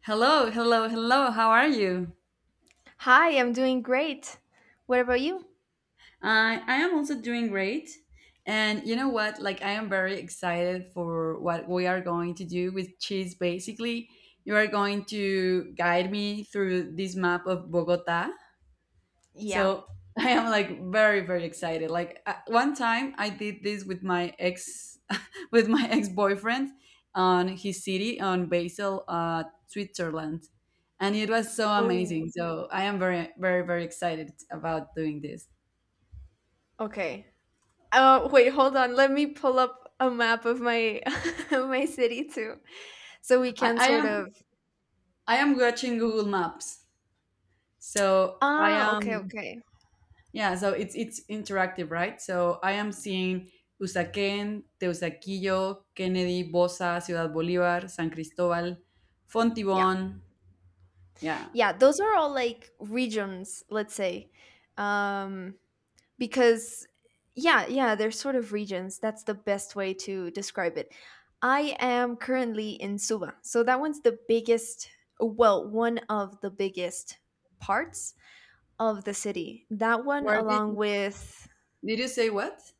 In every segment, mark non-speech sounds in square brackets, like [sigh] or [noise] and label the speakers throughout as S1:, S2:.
S1: Hello, hello, hello. How are you?
S2: Hi, I'm doing great. What about you?
S1: I am also doing great. And you know what? Like I am very excited for what we are going to do with cheese. Basically, you are going to guide me through this map of Bogota.
S2: Yeah.
S1: So [laughs] I am like very very excited. Like one time I did this with my ex [laughs] with my ex boyfriend on his city on Basel, Switzerland, and it was so
S2: Oh.
S1: amazing. So I am very very very excited about doing this.
S2: Okay. Wait, hold on. Let me pull up a map of my [laughs] of my city too, so we
S1: I,
S2: can
S1: I
S2: sort of.
S1: am I am watching Google Maps, so I
S2: Ah, okay,
S1: am.
S2: okay.
S1: Yeah, so it's interactive, right? So I am seeing Usaquén, Teusaquillo, Kennedy, Bosa, Ciudad Bolívar, San Cristóbal,
S2: Yeah,
S1: Fontibón. Yeah.
S2: yeah. Those are all like regions, let's say, um, because yeah, yeah, they're sort of regions. That's the best way to describe it. I am currently in Suba, so that one's the biggest. Well, one of the biggest parts of the city. That one
S1: Where did
S2: along with
S1: did you say what?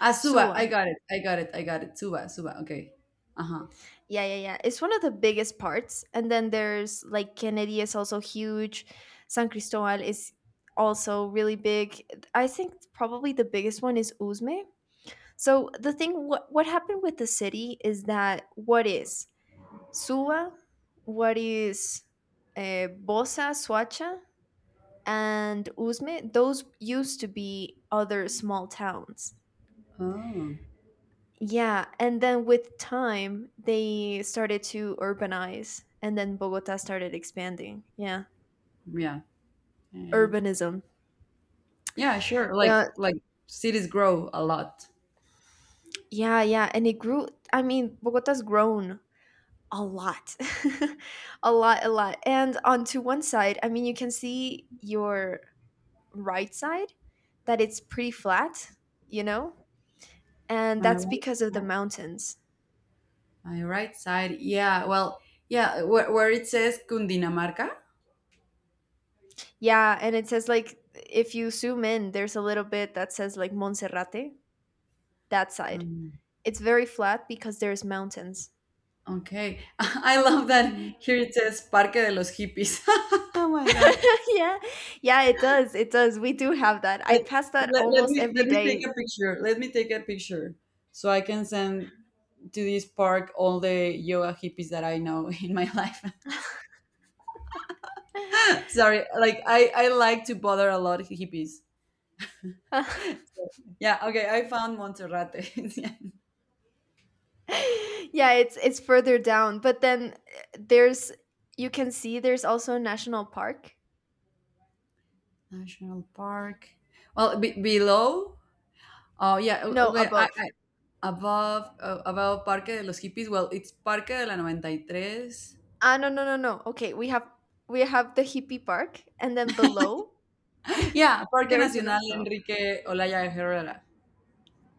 S1: Ah, Suba. I
S2: Suwa.
S1: got it. I got it. I got it. Suba. Suba. Okay. Uh huh.
S2: Yeah, yeah, yeah. It's one of the biggest parts. And then there's like Kennedy is also huge. San Cristobal is also really big. I think probably the biggest one is Uzme. So the thing what happened with the city is that what is Suwa, what is Bosa, Suacha, and Uzme, those used to be other small towns.
S1: Oh,
S2: Yeah, and then with time, they started to urbanize, and then Bogota started expanding. Yeah,
S1: yeah. Yeah.
S2: urbanism.
S1: Yeah. Sure. Like
S2: Uh,
S1: like cities grow a lot.
S2: yeah, yeah, and it grew. I mean, Bogota's grown a lot, [laughs] a lot, a lot. And onto one side, I mean, you can see your right side that it's pretty flat, you know, and
S1: My
S2: that's
S1: right.
S2: because of the
S1: side-
S2: mountains.
S1: My right side. Yeah. Well. Yeah. Where it says Cundinamarca.
S2: Yeah, and it says like if you zoom in, there's a little bit that says like Monserrate, that side.
S1: Um,
S2: It's very flat because there's mountains.
S1: Okay. [laughs] I love that
S2: Mm.
S1: here it says Parque de los Hippies. [laughs] Oh my God.
S2: [laughs] Yeah. Yeah, it does, it does. We do have that. I
S1: Let,
S2: pass that
S1: let, let
S2: almost
S1: me let
S2: every
S1: me take
S2: day.
S1: a picture. Let me take a picture so I can send to this park all the yoga hippies that I know [laughs] in my life. [laughs] Sorry, like I like to bother a lot of hippies.
S2: [laughs]
S1: Yeah, okay, I found Monterrate. [laughs] Yeah.
S2: Yeah, it's further down, but then, there's you can see there's also a national park.
S1: National Park. Well, be below. Oh yeah,
S2: No,
S1: okay.
S2: above.
S1: Above Parque de los Hippies. Well, it's Parque de la 93.
S2: Ah, no, no, no, no. Okay, we have the hippie park, and then below, [laughs]
S1: Yeah, Parque
S2: there's the
S1: Nacional
S2: national.
S1: Enrique Olaya Herrera.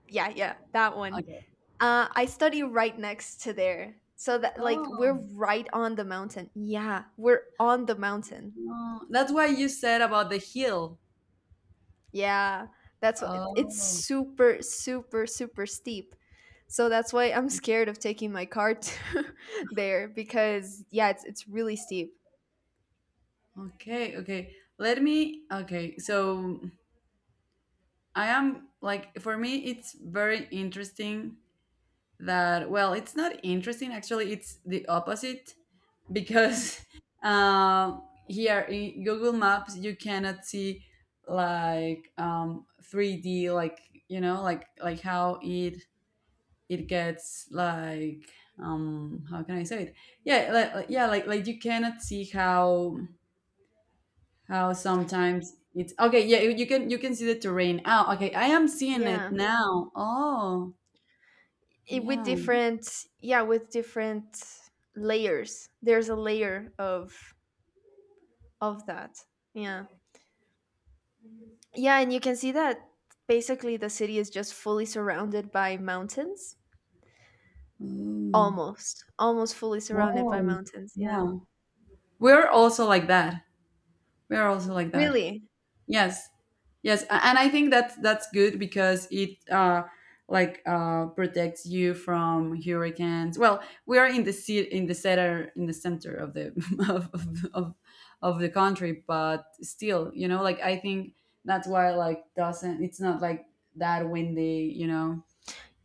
S2: Yeah, yeah, that one.
S1: Okay.
S2: I study right next to there, so that like
S1: Oh,
S2: we're right on the mountain. Yeah, we're on the mountain.
S1: no. That's why you said about the hill.
S2: Yeah, that's what it's
S1: Oh,
S2: super, super, super steep. So that's why I'm scared of taking my car to [laughs] there because yeah, it's really steep.
S1: okay, okay. Let me, okay. So I am like, for me, it's very interesting that, well, it's not interesting, actually, it's the opposite because [laughs] uh, here in Google Maps, you cannot see like 3D, like, you know, like how it gets like how can I say it. Yeah, yeah, like you cannot see how sometimes it's okay. Yeah, you can see the terrain. Oh, okay, I am seeing it
S2: Yeah,
S1: now. Oh
S2: it, with
S1: yeah.
S2: different yeah, with different layers. There's a layer of that. Yeah. Yeah, and you can see that basically the city is just fully surrounded by mountains.
S1: Mm.
S2: Almost, almost fully surrounded by
S1: Oh
S2: mountains. Yeah.
S1: yeah, we're also like that. We're also like that.
S2: Really?
S1: Yes. Yes, and I think that that's good because it like protects you from hurricanes. Well, we are in the sea in the center of the [laughs] of, of of of the country, but still, you know, like I think that's why like doesn't it's not like that windy.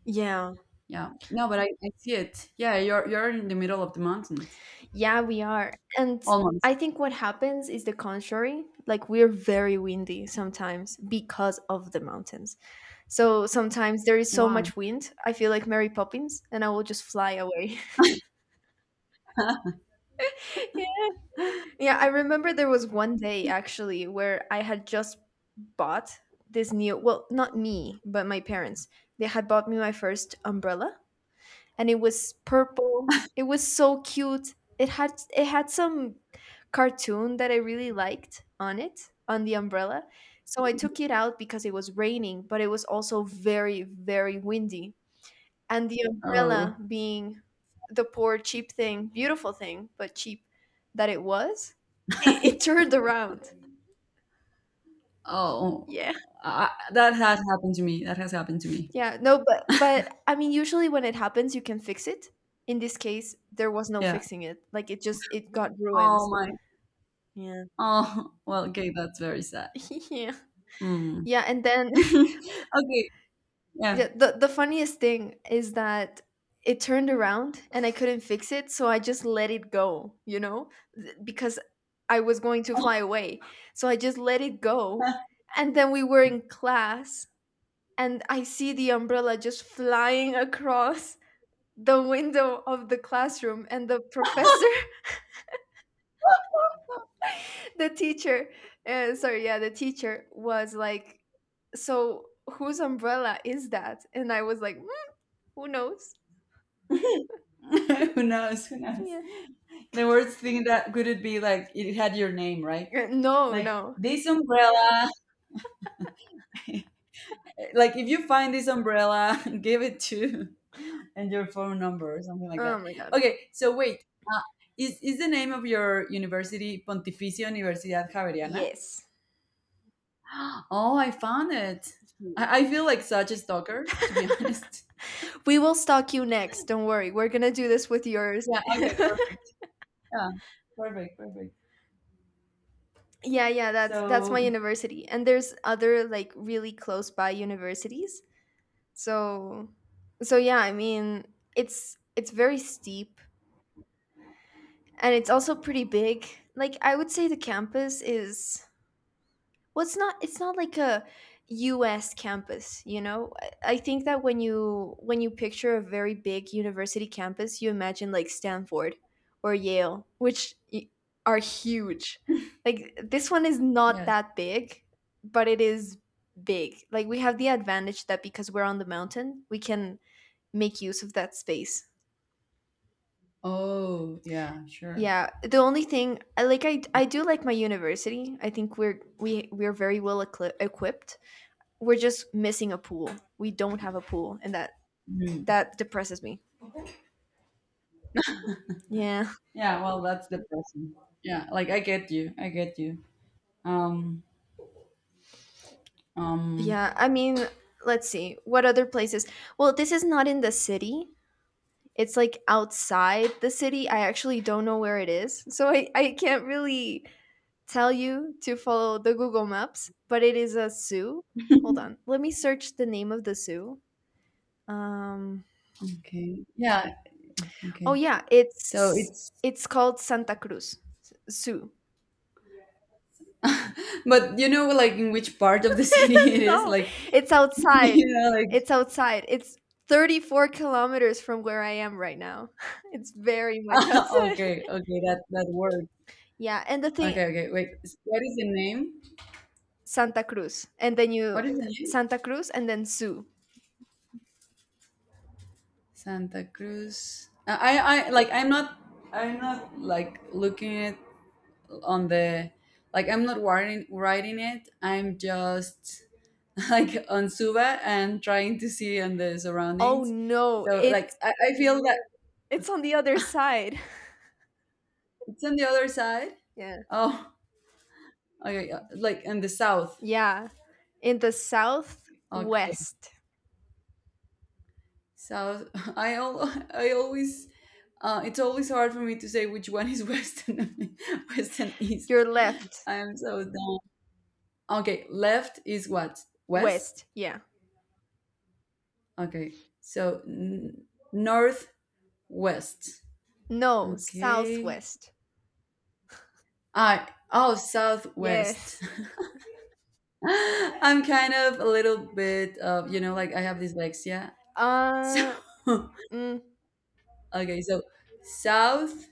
S2: Yeah.
S1: Yeah. No, but I see it. Yeah, you're in the middle of the mountains.
S2: Yeah, we are. And
S1: Almost.
S2: I think what happens is the contrary. Like we're very windy sometimes because of the mountains. So sometimes there is so
S1: Why?
S2: much wind, I feel like Mary Poppins and I will just fly away.
S1: [laughs]
S2: [laughs] Yeah, yeah. I remember there was one day actually where I had just bought this new, well, not me but my parents, they had bought me my first umbrella, and it was purple, it was so cute, it had some cartoon that I really liked on it, on the umbrella. So I took it out because it was raining, but it was also very very windy, and the umbrella
S1: Oh.
S2: being the poor cheap thing, beautiful thing but cheap, that it was, it turned around.
S1: Oh.
S2: Yeah.
S1: I, that has happened to me. That has happened to me.
S2: Yeah, no, but I mean, usually when it happens, you can fix it. In this case, there was no
S1: Yeah.
S2: fixing it. Like it just it got ruined.
S1: Oh my.
S2: Yeah.
S1: Oh, [laughs] well, okay, that's very sad.
S2: [laughs] Yeah.
S1: Mm.
S2: Yeah, and then [laughs]
S1: [laughs] Okay, yeah.
S2: yeah, the funniest thing is that it turned around and I couldn't fix it, so I just let it go, you know? Because I was going to fly away. So I just let it go. And then we were in class and I see the umbrella just flying across the window of the classroom and the professor [laughs] the teacher sorry yeah the teacher was like, so whose umbrella is that, and I was like, "Mm, who knows.
S1: [laughs] Who knows? Who knows?
S2: [laughs] Yeah.
S1: The worst thing that could it be like it had your name, right?
S2: Uh, no
S1: Like
S2: no
S1: this umbrella. [laughs] Like if you find this umbrella, [laughs] give it to [laughs] and your phone number or something like
S2: Oh
S1: that.
S2: my god.
S1: Okay, so wait. Uh, is the name of your university Pontificia Universidad Javeriana?
S2: Yes,
S1: [gasps] Oh, I found it.
S2: we
S1: I feel like such a stalker, to be [laughs] honest.
S2: will stalk you next, don't worry, we're gonna do this with yours.
S1: Yeah, okay,
S2: [laughs]
S1: perfect. Yeah, perfect, perfect.
S2: Yeah, yeah, that's my
S1: So,
S2: university, and there's other like really close by universities, so so yeah I mean it's very steep and it's also pretty big. Like I would say the campus is, well, it's not, it's not like a US campus, you know? I think that when you, when you picture a very big university campus, you imagine like Stanford or Yale, are huge. Like this one is not
S1: yes.
S2: that big, but it is big. Like we have the advantage that because we're on the mountain, we can make use of that space.
S1: Oh, yeah, sure.
S2: Yeah, the only thing I do like my university. I think we're we're very well equipped. We're just missing a pool. We don't have a pool, and that
S1: Mm.
S2: that depresses me. Yeah.
S1: Yeah, well, that's depressing. Yeah, like I get you. I get you. Um, um,
S2: Yeah, I mean, let's see. What other places? Well, this is not in the city. It's like outside the city. I actually don't know where it is. So I can't really tell you to follow the Google Maps, but it is a zoo. Hold on. Let me search the name of the zoo. Um
S1: okay. Yeah,
S2: Oh
S1: okay.
S2: yeah,
S1: So
S2: it's
S1: it's,
S2: it's called Santa Cruz Zoo.
S1: [laughs] but you know, like in which part of the [laughs] city it
S2: [laughs]
S1: is?
S2: No,
S1: Like,
S2: it's
S1: [laughs]
S2: outside.
S1: you know,
S2: It's outside. It's 34 kilometers from where I am right now. [laughs] It's very much
S1: like, [laughs]
S2: outside.
S1: okay, okay, that works.
S2: [laughs] Yeah, and the thing.
S1: Okay, okay, wait. What is the name?
S2: Santa Cruz, and then you.
S1: What is the name?
S2: Santa Cruz, and then Zoo.
S1: Santa Cruz. Like I'm not like looking it on the. Like I'm not writing it. I'm just [laughs] like on Suba and trying to see on the
S2: Oh
S1: surroundings.
S2: no,
S1: So like I feel that
S2: it's on the other side.
S1: it's on the other side.
S2: [laughs] Yeah.
S1: Oh, okay, like in the south.
S2: Yeah, in the
S1: Okay,
S2: southwest.
S1: south. [laughs] I al- I always it's always hard for me to say which one is [laughs] west and [laughs] west and
S2: Your
S1: east.
S2: left.
S1: I'm so down. Okay, left is what? West?
S2: West, yeah.
S1: Okay, so n- northwest.
S2: No,
S1: Okay.
S2: southwest.
S1: I oh, southwest.
S2: Yes.
S1: [laughs] I'm kind of a little bit of like I have dyslexia. So
S2: Uh,
S1: [laughs]
S2: mm,
S1: okay, so south,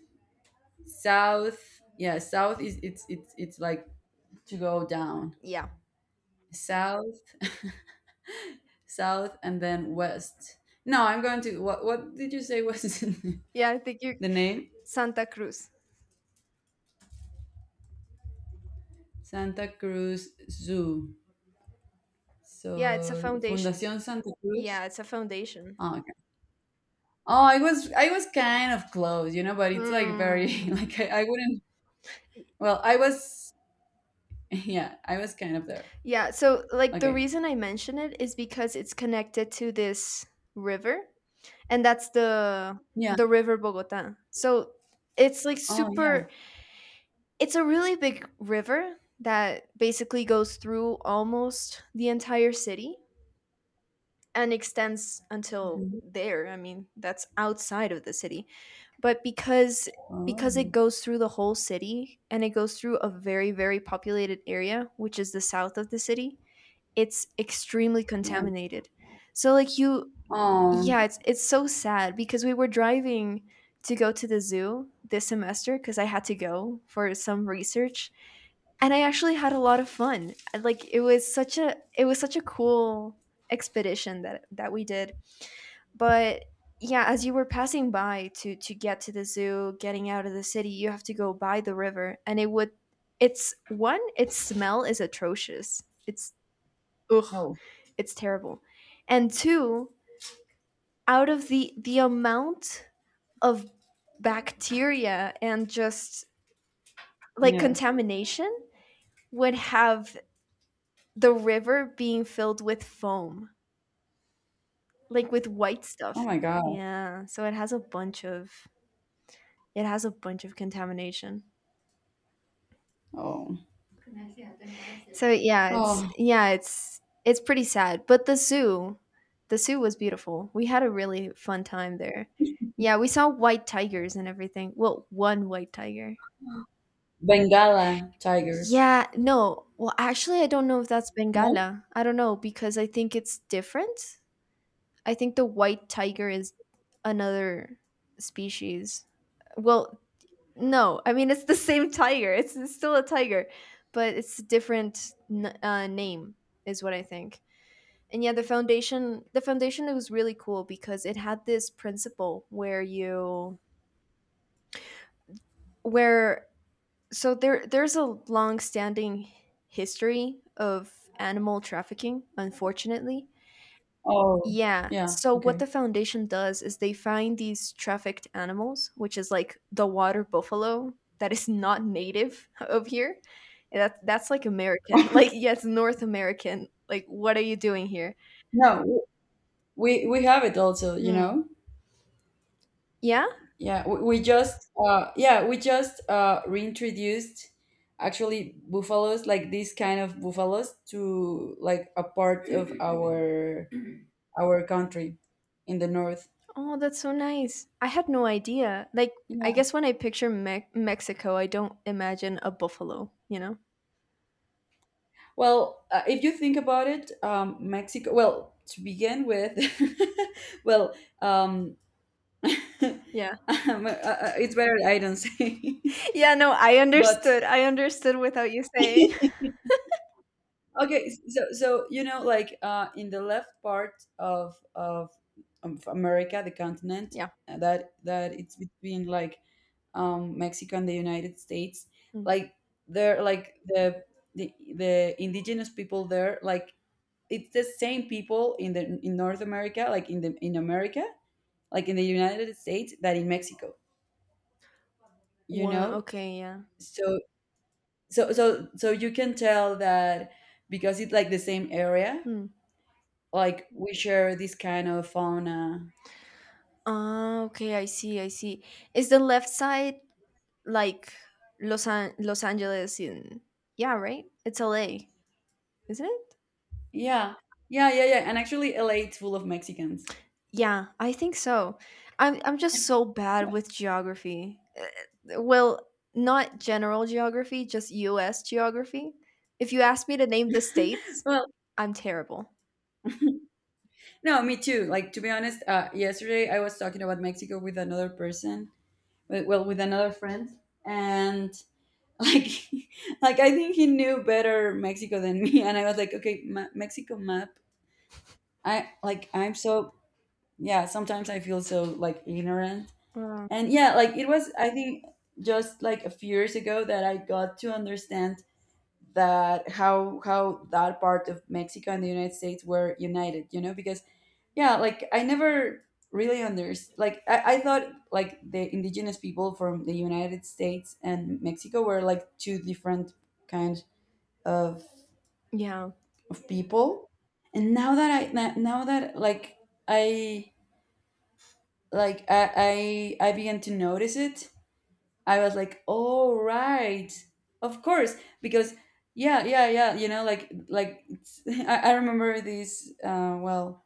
S1: south, yeah, south is it's like to go down.
S2: yeah,
S1: South, south, and then west. No, I'm going to what did you say was
S2: yeah. I think
S1: [laughs]
S2: you.
S1: the name?
S2: Santa Cruz.
S1: Santa Cruz Zoo. So
S2: Yeah, it's a foundation.
S1: Fundación Santa Cruz.
S2: Yeah, it's a foundation.
S1: Oh, okay. Oh, I was kind of close, but it's like very [laughs]
S2: Hmm.
S1: like I wouldn't. Well, I was [laughs] yeah, I was kind of there.
S2: Yeah. So, like, the
S1: Okay.
S2: reason I mention it is because it's connected to this river, and that's
S1: Yeah.
S2: the river Bogota. So it's like
S1: Oh yeah.
S2: super. It's a really big river that basically goes through almost the entire city and extends until
S1: Mhm.
S2: there. I mean, that's outside of the city, but because it
S1: Oh
S2: goes through the whole city and it goes through a very very populated area, which is the south of the city, it's extremely
S1: yeah.
S2: contaminated. So like you,
S1: Oh
S2: yeah, it's so sad because we were driving to go to the zoo this semester because I had to go for some research, and I actually had a lot of fun. Like it was such a, it was such a cool expedition that that we did. But yeah, as you were passing by to get to the zoo, getting out of the city, you have to go by the river, and it would, it's one, its smell is atrocious. It's ugh,
S1: no.
S2: it's terrible. And two, out of the amount of bacteria and just like
S1: Yes.
S2: contamination would have. The river being filled with foam, like with white stuff.
S1: Oh my God.
S2: Yeah, so it has a bunch of, it has a bunch of contamination.
S1: Oh.
S2: So yeah, it's,
S1: Oh.
S2: yeah, it's pretty sad. But the zoo was beautiful. We had a really fun time there. Yeah, we saw white tigers and everything. Well, one white tiger.
S1: Bengala tigers.
S2: Yeah, no. Well, actually, I don't know if that's
S1: No.
S2: Bengala. I don't know because I think it's different. I think the white tiger is another species. Well, no, I mean it's the [laughs] same tiger. It's still a tiger, but it's a different name, is what I think. And yeah, the foundation was really cool because it had this principle where you, where so there, there's a long-standing history of animal trafficking, unfortunately.
S1: Oh
S2: Yeah.
S1: yeah.
S2: So what
S1: Okay.
S2: the foundation does is they find these trafficked animals, which is like the water buffalo that is [laughs] not native of here. That that's like American. [laughs]
S1: [laughs]
S2: Like yes, North American. Like what are you doing here?
S1: No, we have it also. You
S2: Mm.
S1: know.
S2: Yeah?
S1: Yeah, we just reintroduced actually buffaloes like these kind of buffaloes to like a part of our country in the north.
S2: Oh, that's so nice. I had no idea. Like
S1: Yeah.
S2: I guess when I picture Mexico, I don't imagine a buffalo, you know?
S1: Well, if you think about it, Mexico, well, to begin with, [laughs] well, um [laughs]
S2: Yeah. [laughs]
S1: it's better I don't say.
S2: Yeah, no, I
S1: [laughs] but
S2: understood. I understood without you saying.
S1: [laughs] Okay, so you know, like in the left part of of America, the continent
S2: [laughs] Yeah.
S1: that it's between like Mexico and the United States,
S2: Mm.
S1: like they're like the indigenous people there, like it's the same people in the in North America, like in the in America, like in the United States, that in Mexico, you
S2: Well,
S1: know.
S2: okay, yeah.
S1: So so you can tell that because it's like the same area
S2: Hmm.
S1: like we share this kind of fauna.
S2: Ah, okay, I see, I see. Is the left side like Los Angeles in. Yeah, right? It's LA, isn't it?
S1: Yeah. Yeah, yeah, yeah. And actually LA is full of Mexicans. [laughs]
S2: Yeah, I think so. I'm just so bad with geography. Well, not general geography, just US geography. If you ask me to name the states,
S1: Well,
S2: I'm terrible.
S1: no, me too. Like to be honest, yesterday I was talking about Mexico with another person, well, with another friend, and like [laughs] like I think he knew better Mexico than me and I was like, "Okay, Mexico map." I like I'm so yeah, sometimes I feel so like ignorant.
S2: Uh,
S1: And yeah, like it was I think just like a few years ago that I got to understand that how that part of Mexico and the United States were united, you know, because yeah, like I never really understood like I thought like the indigenous people from the United States and Mexico were like two different kinds of
S2: yeah.
S1: people. And now that now that like I I began to notice it. I was like, "Oh right, of course," because yeah, yeah, yeah, you know, like it's. [laughs] I remember this. Well,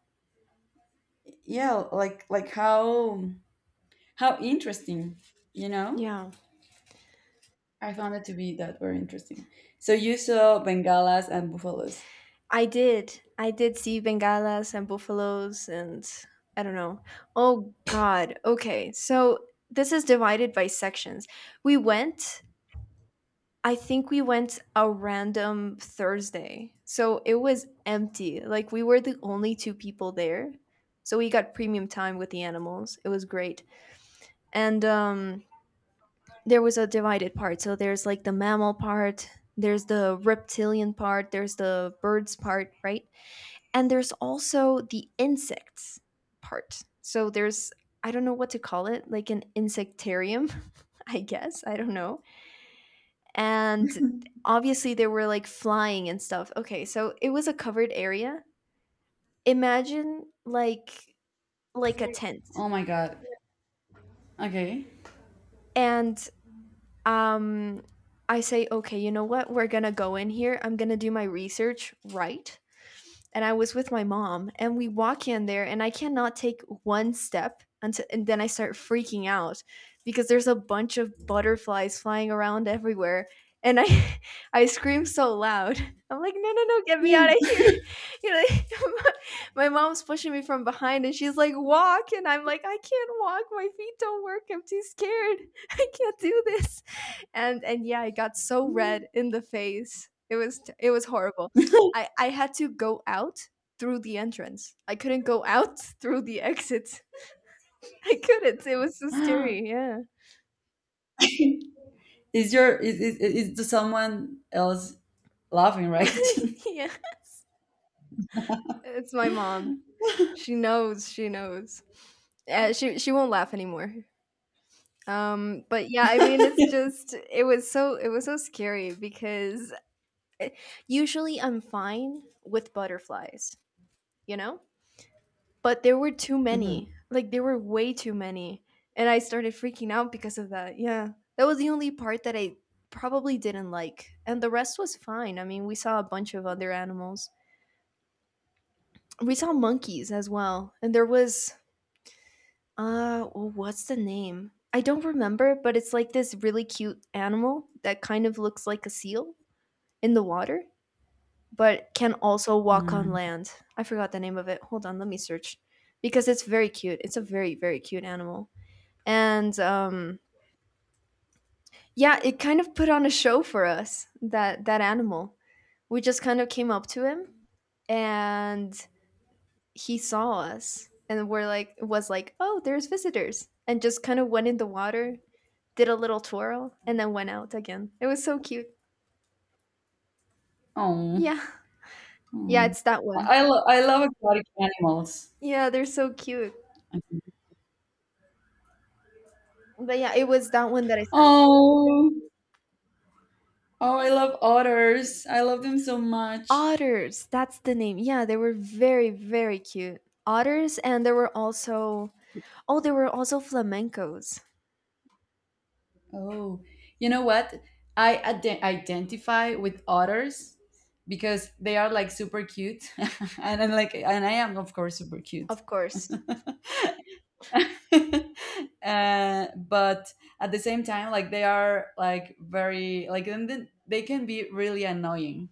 S1: yeah, like how interesting, you know.
S2: Yeah.
S1: I found it to be that very interesting. So you saw bengalas and buffaloes.
S2: I did. I did see bengalas and buffaloes and I don't know. Oh god. Okay. So this is divided by sections. We went I think we went a random Thursday. So it was empty. Like we were the only two people there. So we got premium time with the animals. It was great. And there was a divided part. So there's like the mammal part, there's the reptilian part, there's the birds part, right? And there's also the insects part. So there's, I don't know what to call it, like an insectarium, [laughs] I guess. I don't know. And obviously there were like flying and stuff. Okay, so it was a covered area. Imagine like a tent.
S1: Oh my god. Okay.
S2: And um I say, okay, you know what? We're gonna go in here. I'm gonna do my research right. And I was with my mom, and we walk in there, and I cannot take one step until, and then I start freaking out because there's a bunch of butterflies flying around everywhere, and I, [laughs] I scream so loud. I'm like, no, no, no, get me out of
S1: Yeah.
S2: here! [laughs] You know, like, [laughs] my mom's pushing me from behind, and she's like, walk, and I'm like, I can't walk. My feet don't work. I'm too scared. [laughs] I can't do this. And yeah, I got so red in the face. It was horrible. I had to go out through the entrance. I couldn't go out [laughs] through the exit. [laughs] I couldn't. It was so
S1: [laughs]
S2: scary. Yeah.
S1: Is someone else laughing right?
S2: [laughs] Yeah. It's my mom. She knows. She knows. She won't laugh anymore. But yeah, I mean, it was so it was so scary because eh, usually I'm fine with butterflies, you know. But there were too
S1: [laughs] hmm
S2: many. Like there were way too many, and I started freaking out because of that. Yeah. That was the only part that I probably didn't like, and the rest was fine. I mean, we saw a bunch of other animals. We saw monkeys as well, and there was uh what's the name? I don't remember, but it's like this really cute animal that kind of looks like a seal in the water, but can also walk on land. I forgot the name of it. Hold on, let me search because it's very cute. It's a very cute animal. And Yeah, it kind of put on a show for us. That animal, we just kind of came up to him, and he saw us, and was like, oh, there's visitors, and just kind of went in the water, did a little twirl, and then went out again. It was so cute.
S1: Oh.
S2: Yeah, yeah,
S1: Mm.
S2: it's that one.
S1: I love exotic animals.
S2: Yeah, they're so cute. But yeah, it was that one that I sent.
S1: Oh, oh, I love otters. I love them so much.
S2: Otters, that's the name. Yeah, they were very, very cute. Otters, and there were also, oh, there were also flamencos.
S1: Oh, you know what? I identify with otters because they are like super cute, [laughs] and I'm like, and I am of course super cute.
S2: Of course.
S1: [laughs] But at the same time, like they are like very like and then they can be really annoying,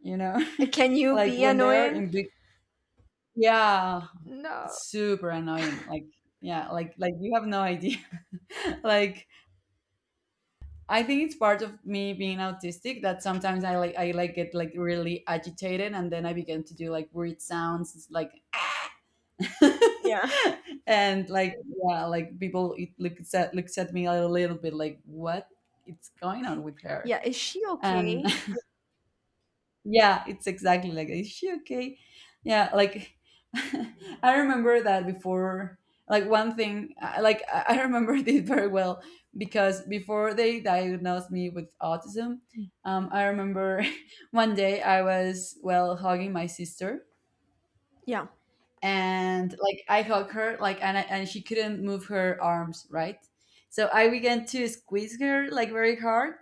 S1: you know,
S2: Can
S1: [laughs]
S2: you
S1: like
S2: be
S1: when they are
S2: annoying?
S1: in big. Yeah,
S2: No.
S1: super annoying. Like, yeah, like you have no idea. [laughs] Like, I think it's part of me being autistic that sometimes I like get like really agitated and then I begin to do like weird sounds it's like [laughs]
S2: Yeah.
S1: and like yeah, like people it looks at me a little bit like what it's going on with her.
S2: Yeah. Is she
S1: And
S2: okay?
S1: Yeah, it's exactly like, is she okay? Yeah, like [laughs] I remember that before. Like one thing, like I remember [laughs] this very well because before they diagnosed me with autism, I remember [laughs] one day I was well hugging my sister
S2: Yeah.
S1: and like I hugged her like and she couldn't move her arms right, so I began to squeeze her like very hard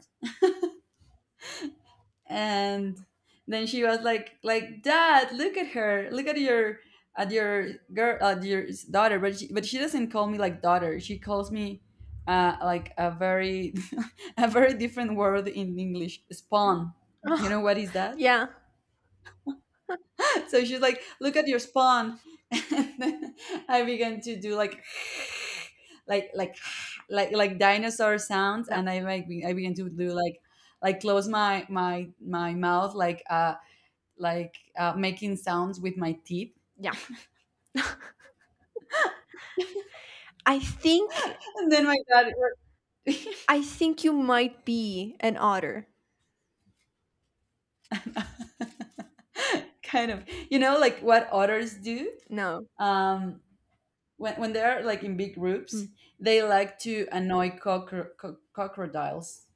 S1: and then she was like dad look at her look at your girl at your daughter but she doesn't call me like daughter she calls me like a very [laughs] a very different word in English spawn you
S2: Ugh.
S1: know what is that
S2: Yeah.
S1: [laughs] so she's like look at your spawn [laughs] and then I began to do like [laughs] [sighs] like [sighs] like dinosaur sounds
S2: Yeah.
S1: and I began to do like close my mouth like making sounds with my teeth.
S2: Yeah. I think
S1: [laughs] And then my dad
S2: I think you might be an otter.
S1: [laughs] kind of, like what otters do
S2: No.
S1: um, when they're like in big groups,
S2: Hmm.
S1: they like to annoy crocodiles.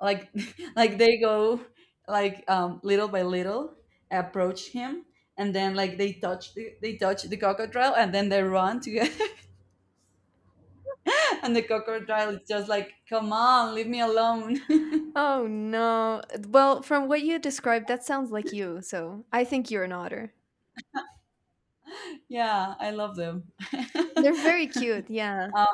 S1: Like, [laughs] like they go like little by little approach him and then like they touch the crocodile and then they run together [laughs] and the crocodile is just like come on leave me alone [laughs]
S2: Oh no. Well, from what you described, that sounds like you. So, I think you're an otter.
S1: yeah I love them
S2: They're very cute.
S1: [laughs]
S2: Yeah.
S1: Um,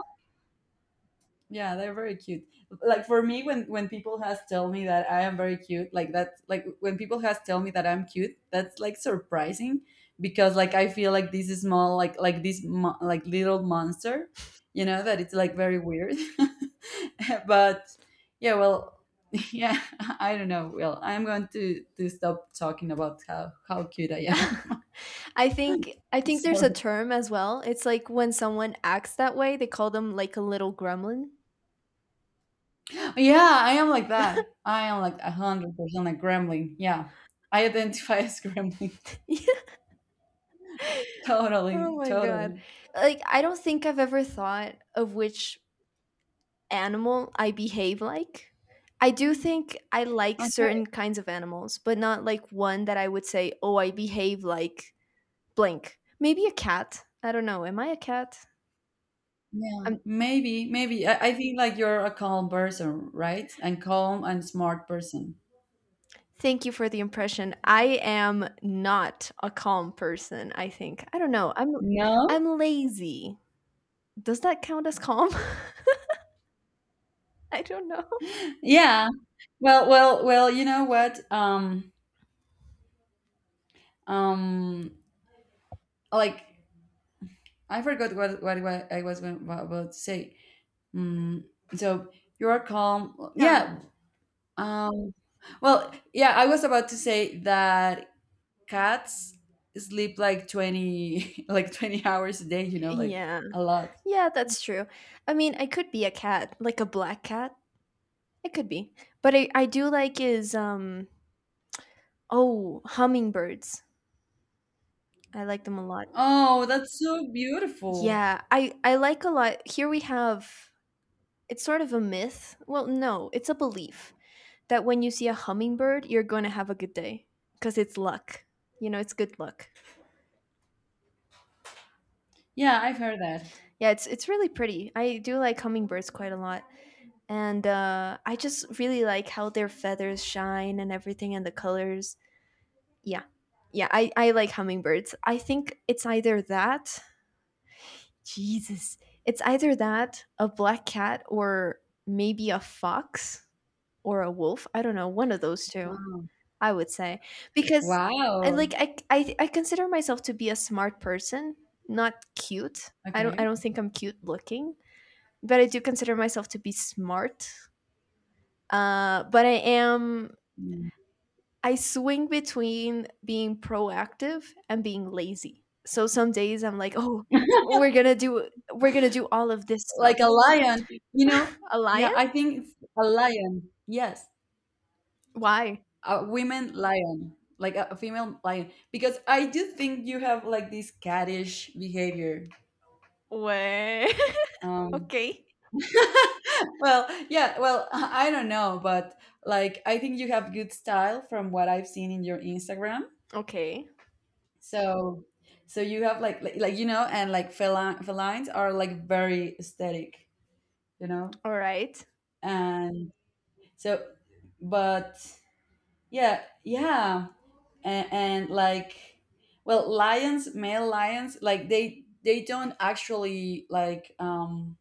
S1: yeah, they're very cute. Like for me, when people has tell me that I am very cute, like that's like when people has tell me that I'm cute, that's like surprising because like I feel like this is small, like like little monster, you know, that it's like very weird. [laughs] but yeah, well, [laughs] yeah, I don't know. Well, I'm going to stop talking about how cute I am.
S2: I think I
S1: [laughs]
S2: think there's a
S1: so
S2: term as well. It's like when someone acts that way, they call them like a little gremlin.
S1: yeah, I am like that. I am like 100% a gremlin. Yeah, I identify [laughs] as gremlin.
S2: [laughs] Oh
S1: Totally,
S2: my god.
S1: totally.
S2: Like I don't think I've ever thought of which animal I behave like. I do think I like
S1: Okay.
S2: certain kinds of animals, but not like one that I would say, "Oh, I behave like blank." Maybe a cat. I don't know. Am I a cat?
S1: Yeah.
S2: Um,
S1: Maybe, maybe. I think like you're a calm person, right? And calm and smart person.
S2: Thank you for the impression. I am not a calm person, I think. I don't know. I'm
S1: No?
S2: I'm lazy. Does that count as calm? [laughs] I don't know.
S1: Yeah. Well, well, well, you know what? Um, like I forgot what I was going about to say. Mm, so you're calm.
S2: Yeah.
S1: Yeah. Um, well, yeah, I was about to say that cats sleep like 20 [laughs] like 20 hours a day,
S2: Y-
S1: like
S2: yeah.
S1: a lot.
S2: Yeah, that's true. I mean, I could be a cat, like a black cat. I could be. But I do like is oh, hummingbirds. I like them a lot.
S1: Oh, that's so beautiful.
S2: Yeah, I like a lot. Here we have, it's sort of a myth. Well, no, it's a belief that when you see a hummingbird, you're going to have a good day because it's luck. You know, it's good luck.
S1: Yeah, I've heard that.
S2: Yeah, it's really pretty. I do like hummingbirds quite a lot. And I just really like how their feathers shine and everything and the colors. Yeah. Yeah, I like hummingbirds. I think it's either that, Jesus, it's either that, a black cat, or maybe a fox or a wolf. I don't know, one of those two,
S1: Wow.
S2: I would say. Because I
S1: Wow.
S2: like I consider myself to be a smart person, not cute. I don't I
S1: Okay.
S2: don't think I'm cute looking, but I do consider myself to be smart. But I am,
S1: Mm.
S2: I swing between being proactive and being lazy. So some days I'm like, "Oh, we're going to do all of this stuff."
S1: Like a lion, you know?
S2: A
S1: Yeah,
S2: lion?
S1: I think it's a lion. Yes,
S2: Why?
S1: a women lion, like a female lion, because I do think you have like this cattish behavior.
S2: Way. [laughs]
S1: Um,
S2: Okay.
S1: [laughs] well, yeah, well, [laughs] I don't know, but like I think you have good style from what I've seen in your Instagram.
S2: Okay.
S1: So, so you have like like you know, and like felines are like very aesthetic, you know,
S2: All right.
S1: and so, but yeah, yeah, and like, well, lions, male lions, like they don't actually like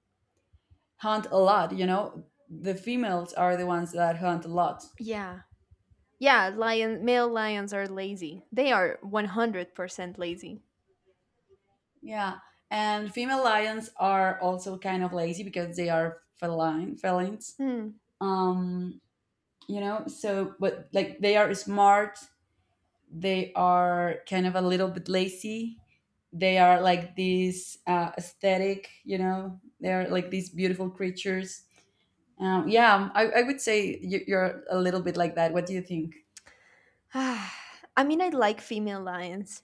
S1: hunt a lot, you know. The females are the ones that hunt a lot.
S2: Yeah. Yeah, lion male lions are lazy. They are 100% lazy.
S1: Yeah, and female lions are also kind of lazy because they are feline felines.
S2: Hmm.
S1: Um, you know so but like they are smart they are kind of a little bit lazy they are like these aesthetic you know they are like these beautiful creatures yeah I would say you're a little bit like that what do you think
S2: [sighs] I mean, I like female lions,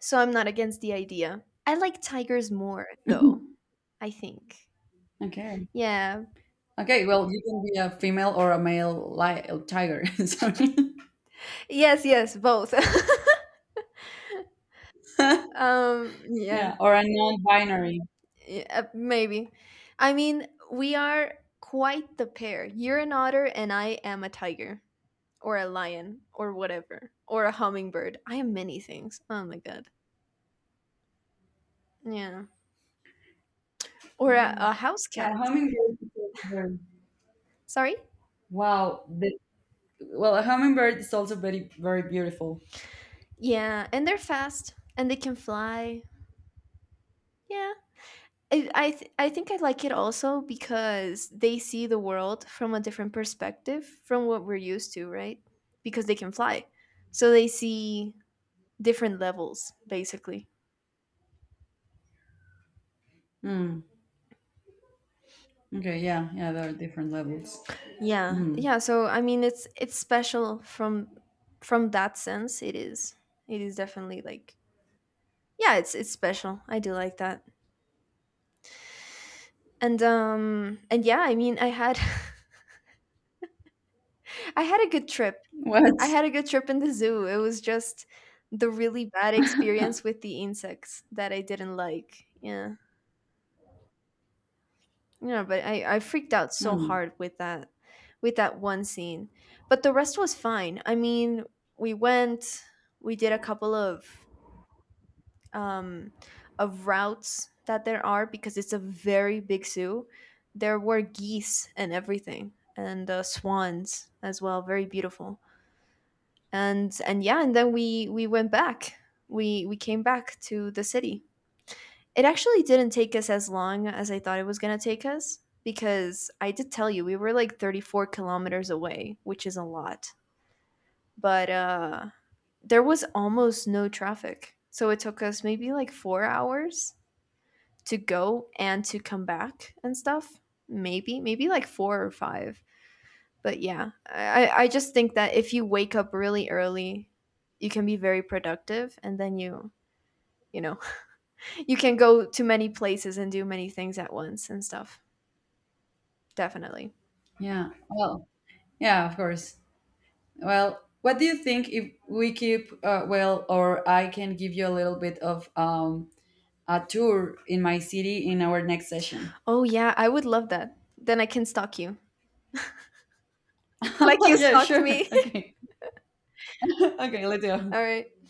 S2: so I'm not against the idea. I like tigers more
S1: [laughs]
S2: though, I think.
S1: okay
S2: Yeah.
S1: okay well you can be a female or a male tiger [laughs] sorry
S2: Yes, yes, both. [laughs]
S1: [laughs]
S2: Yeah,
S1: yeah or a non-binary
S2: maybe. I mean, we are quite the pair. You're an otter, and I am a tiger, or a lion, or whatever, or a hummingbird. I am many things. Oh my god. Yeah. Or
S1: Mm.
S2: a house
S1: yeah
S2: cat.
S1: hummingbird is also
S2: Sorry?
S1: wow well a hummingbird is also very very beautiful
S2: Yeah, and they're fast, and they can fly. Yeah. I think I like it also because they see the world from a different perspective from what we're used to, right? Because they can fly. So they see different levels basically.
S1: Mm. Okay, yeah, yeah, there are different levels.
S2: Yeah,
S1: Mm.
S2: yeah, so I mean it's special from that sense. It is, it is definitely like, yeah, it's special. I do like that. And and yeah, I mean I had, [laughs] I had a good trip,
S1: What?
S2: I had a good trip in the zoo. It was just the really bad experience with the insects that I didn't like. Yeah. Yeah, but I freaked out so
S1: Mm.
S2: hard with that, with that one scene. But the rest was fine. I mean, we went, we did a couple um of routes that there are because it's a very big zoo. There were geese and everything, and swans as well, very beautiful. And yeah, and then we went back. We came back to the city. It actually didn't take us as long as I thought it was going to take us because I did tell you we were like 34 kilometers away, which is a lot. But there was almost no traffic. So it took us maybe like 4 hours to go and to come back and stuff. Maybe like 4 or 5. But yeah, I just think that if you wake up really early, you can be very productive and then you know, [laughs] you can go to many places and do many things at once and stuff. Definitely.
S1: Yeah. Well, yeah, of course. Well, what do you think if we keep well, or I can give you a little bit of a tour in my city in our next session?
S2: Oh yeah, I would love that. Then I can stalk you. Like
S1: [laughs]
S2: you
S1: yeah,
S2: stalked
S1: sure.
S2: me.
S1: Okay. [laughs] okay, let's
S2: [laughs]
S1: go.
S2: All right.